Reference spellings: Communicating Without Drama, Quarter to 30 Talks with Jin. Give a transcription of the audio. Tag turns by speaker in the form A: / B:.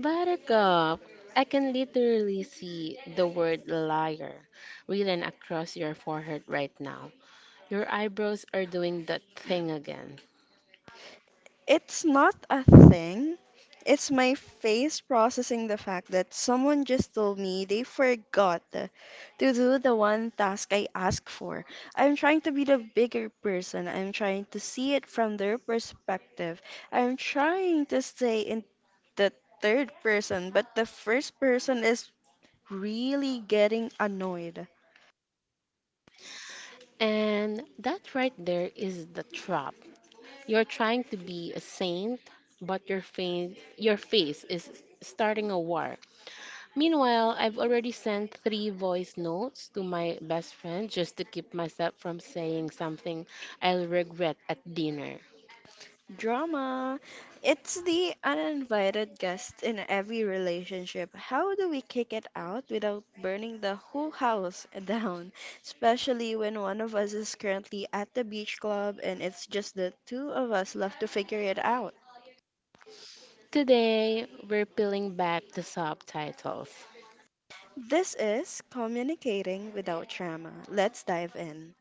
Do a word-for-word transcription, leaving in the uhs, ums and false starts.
A: Buttercup, I can literally see the word liar written across your forehead right now. Your eyebrows are doing that thing again.
B: It's not a thing. It's my face processing the fact that someone just told me they forgot to do the one task I asked for. I'm trying to be the bigger person. I'm trying to see it from their perspective. I'm trying to stay in the third person, but the first person is really getting annoyed.
A: And that right there is the trap. You're trying to be a saint, but your face, your face is starting a war. Meanwhile, I've already sent three voice notes to my best friend just to keep myself from saying something I'll regret at dinner.
B: Drama. It's the uninvited guest in every relationship. How do we kick it out without burning the whole house down? Especially when one of us is currently at the beach club and it's just the two of us left to figure it out.
A: Today, we're peeling back the subtitles,
B: This is Communicating Without Drama. Let's dive in.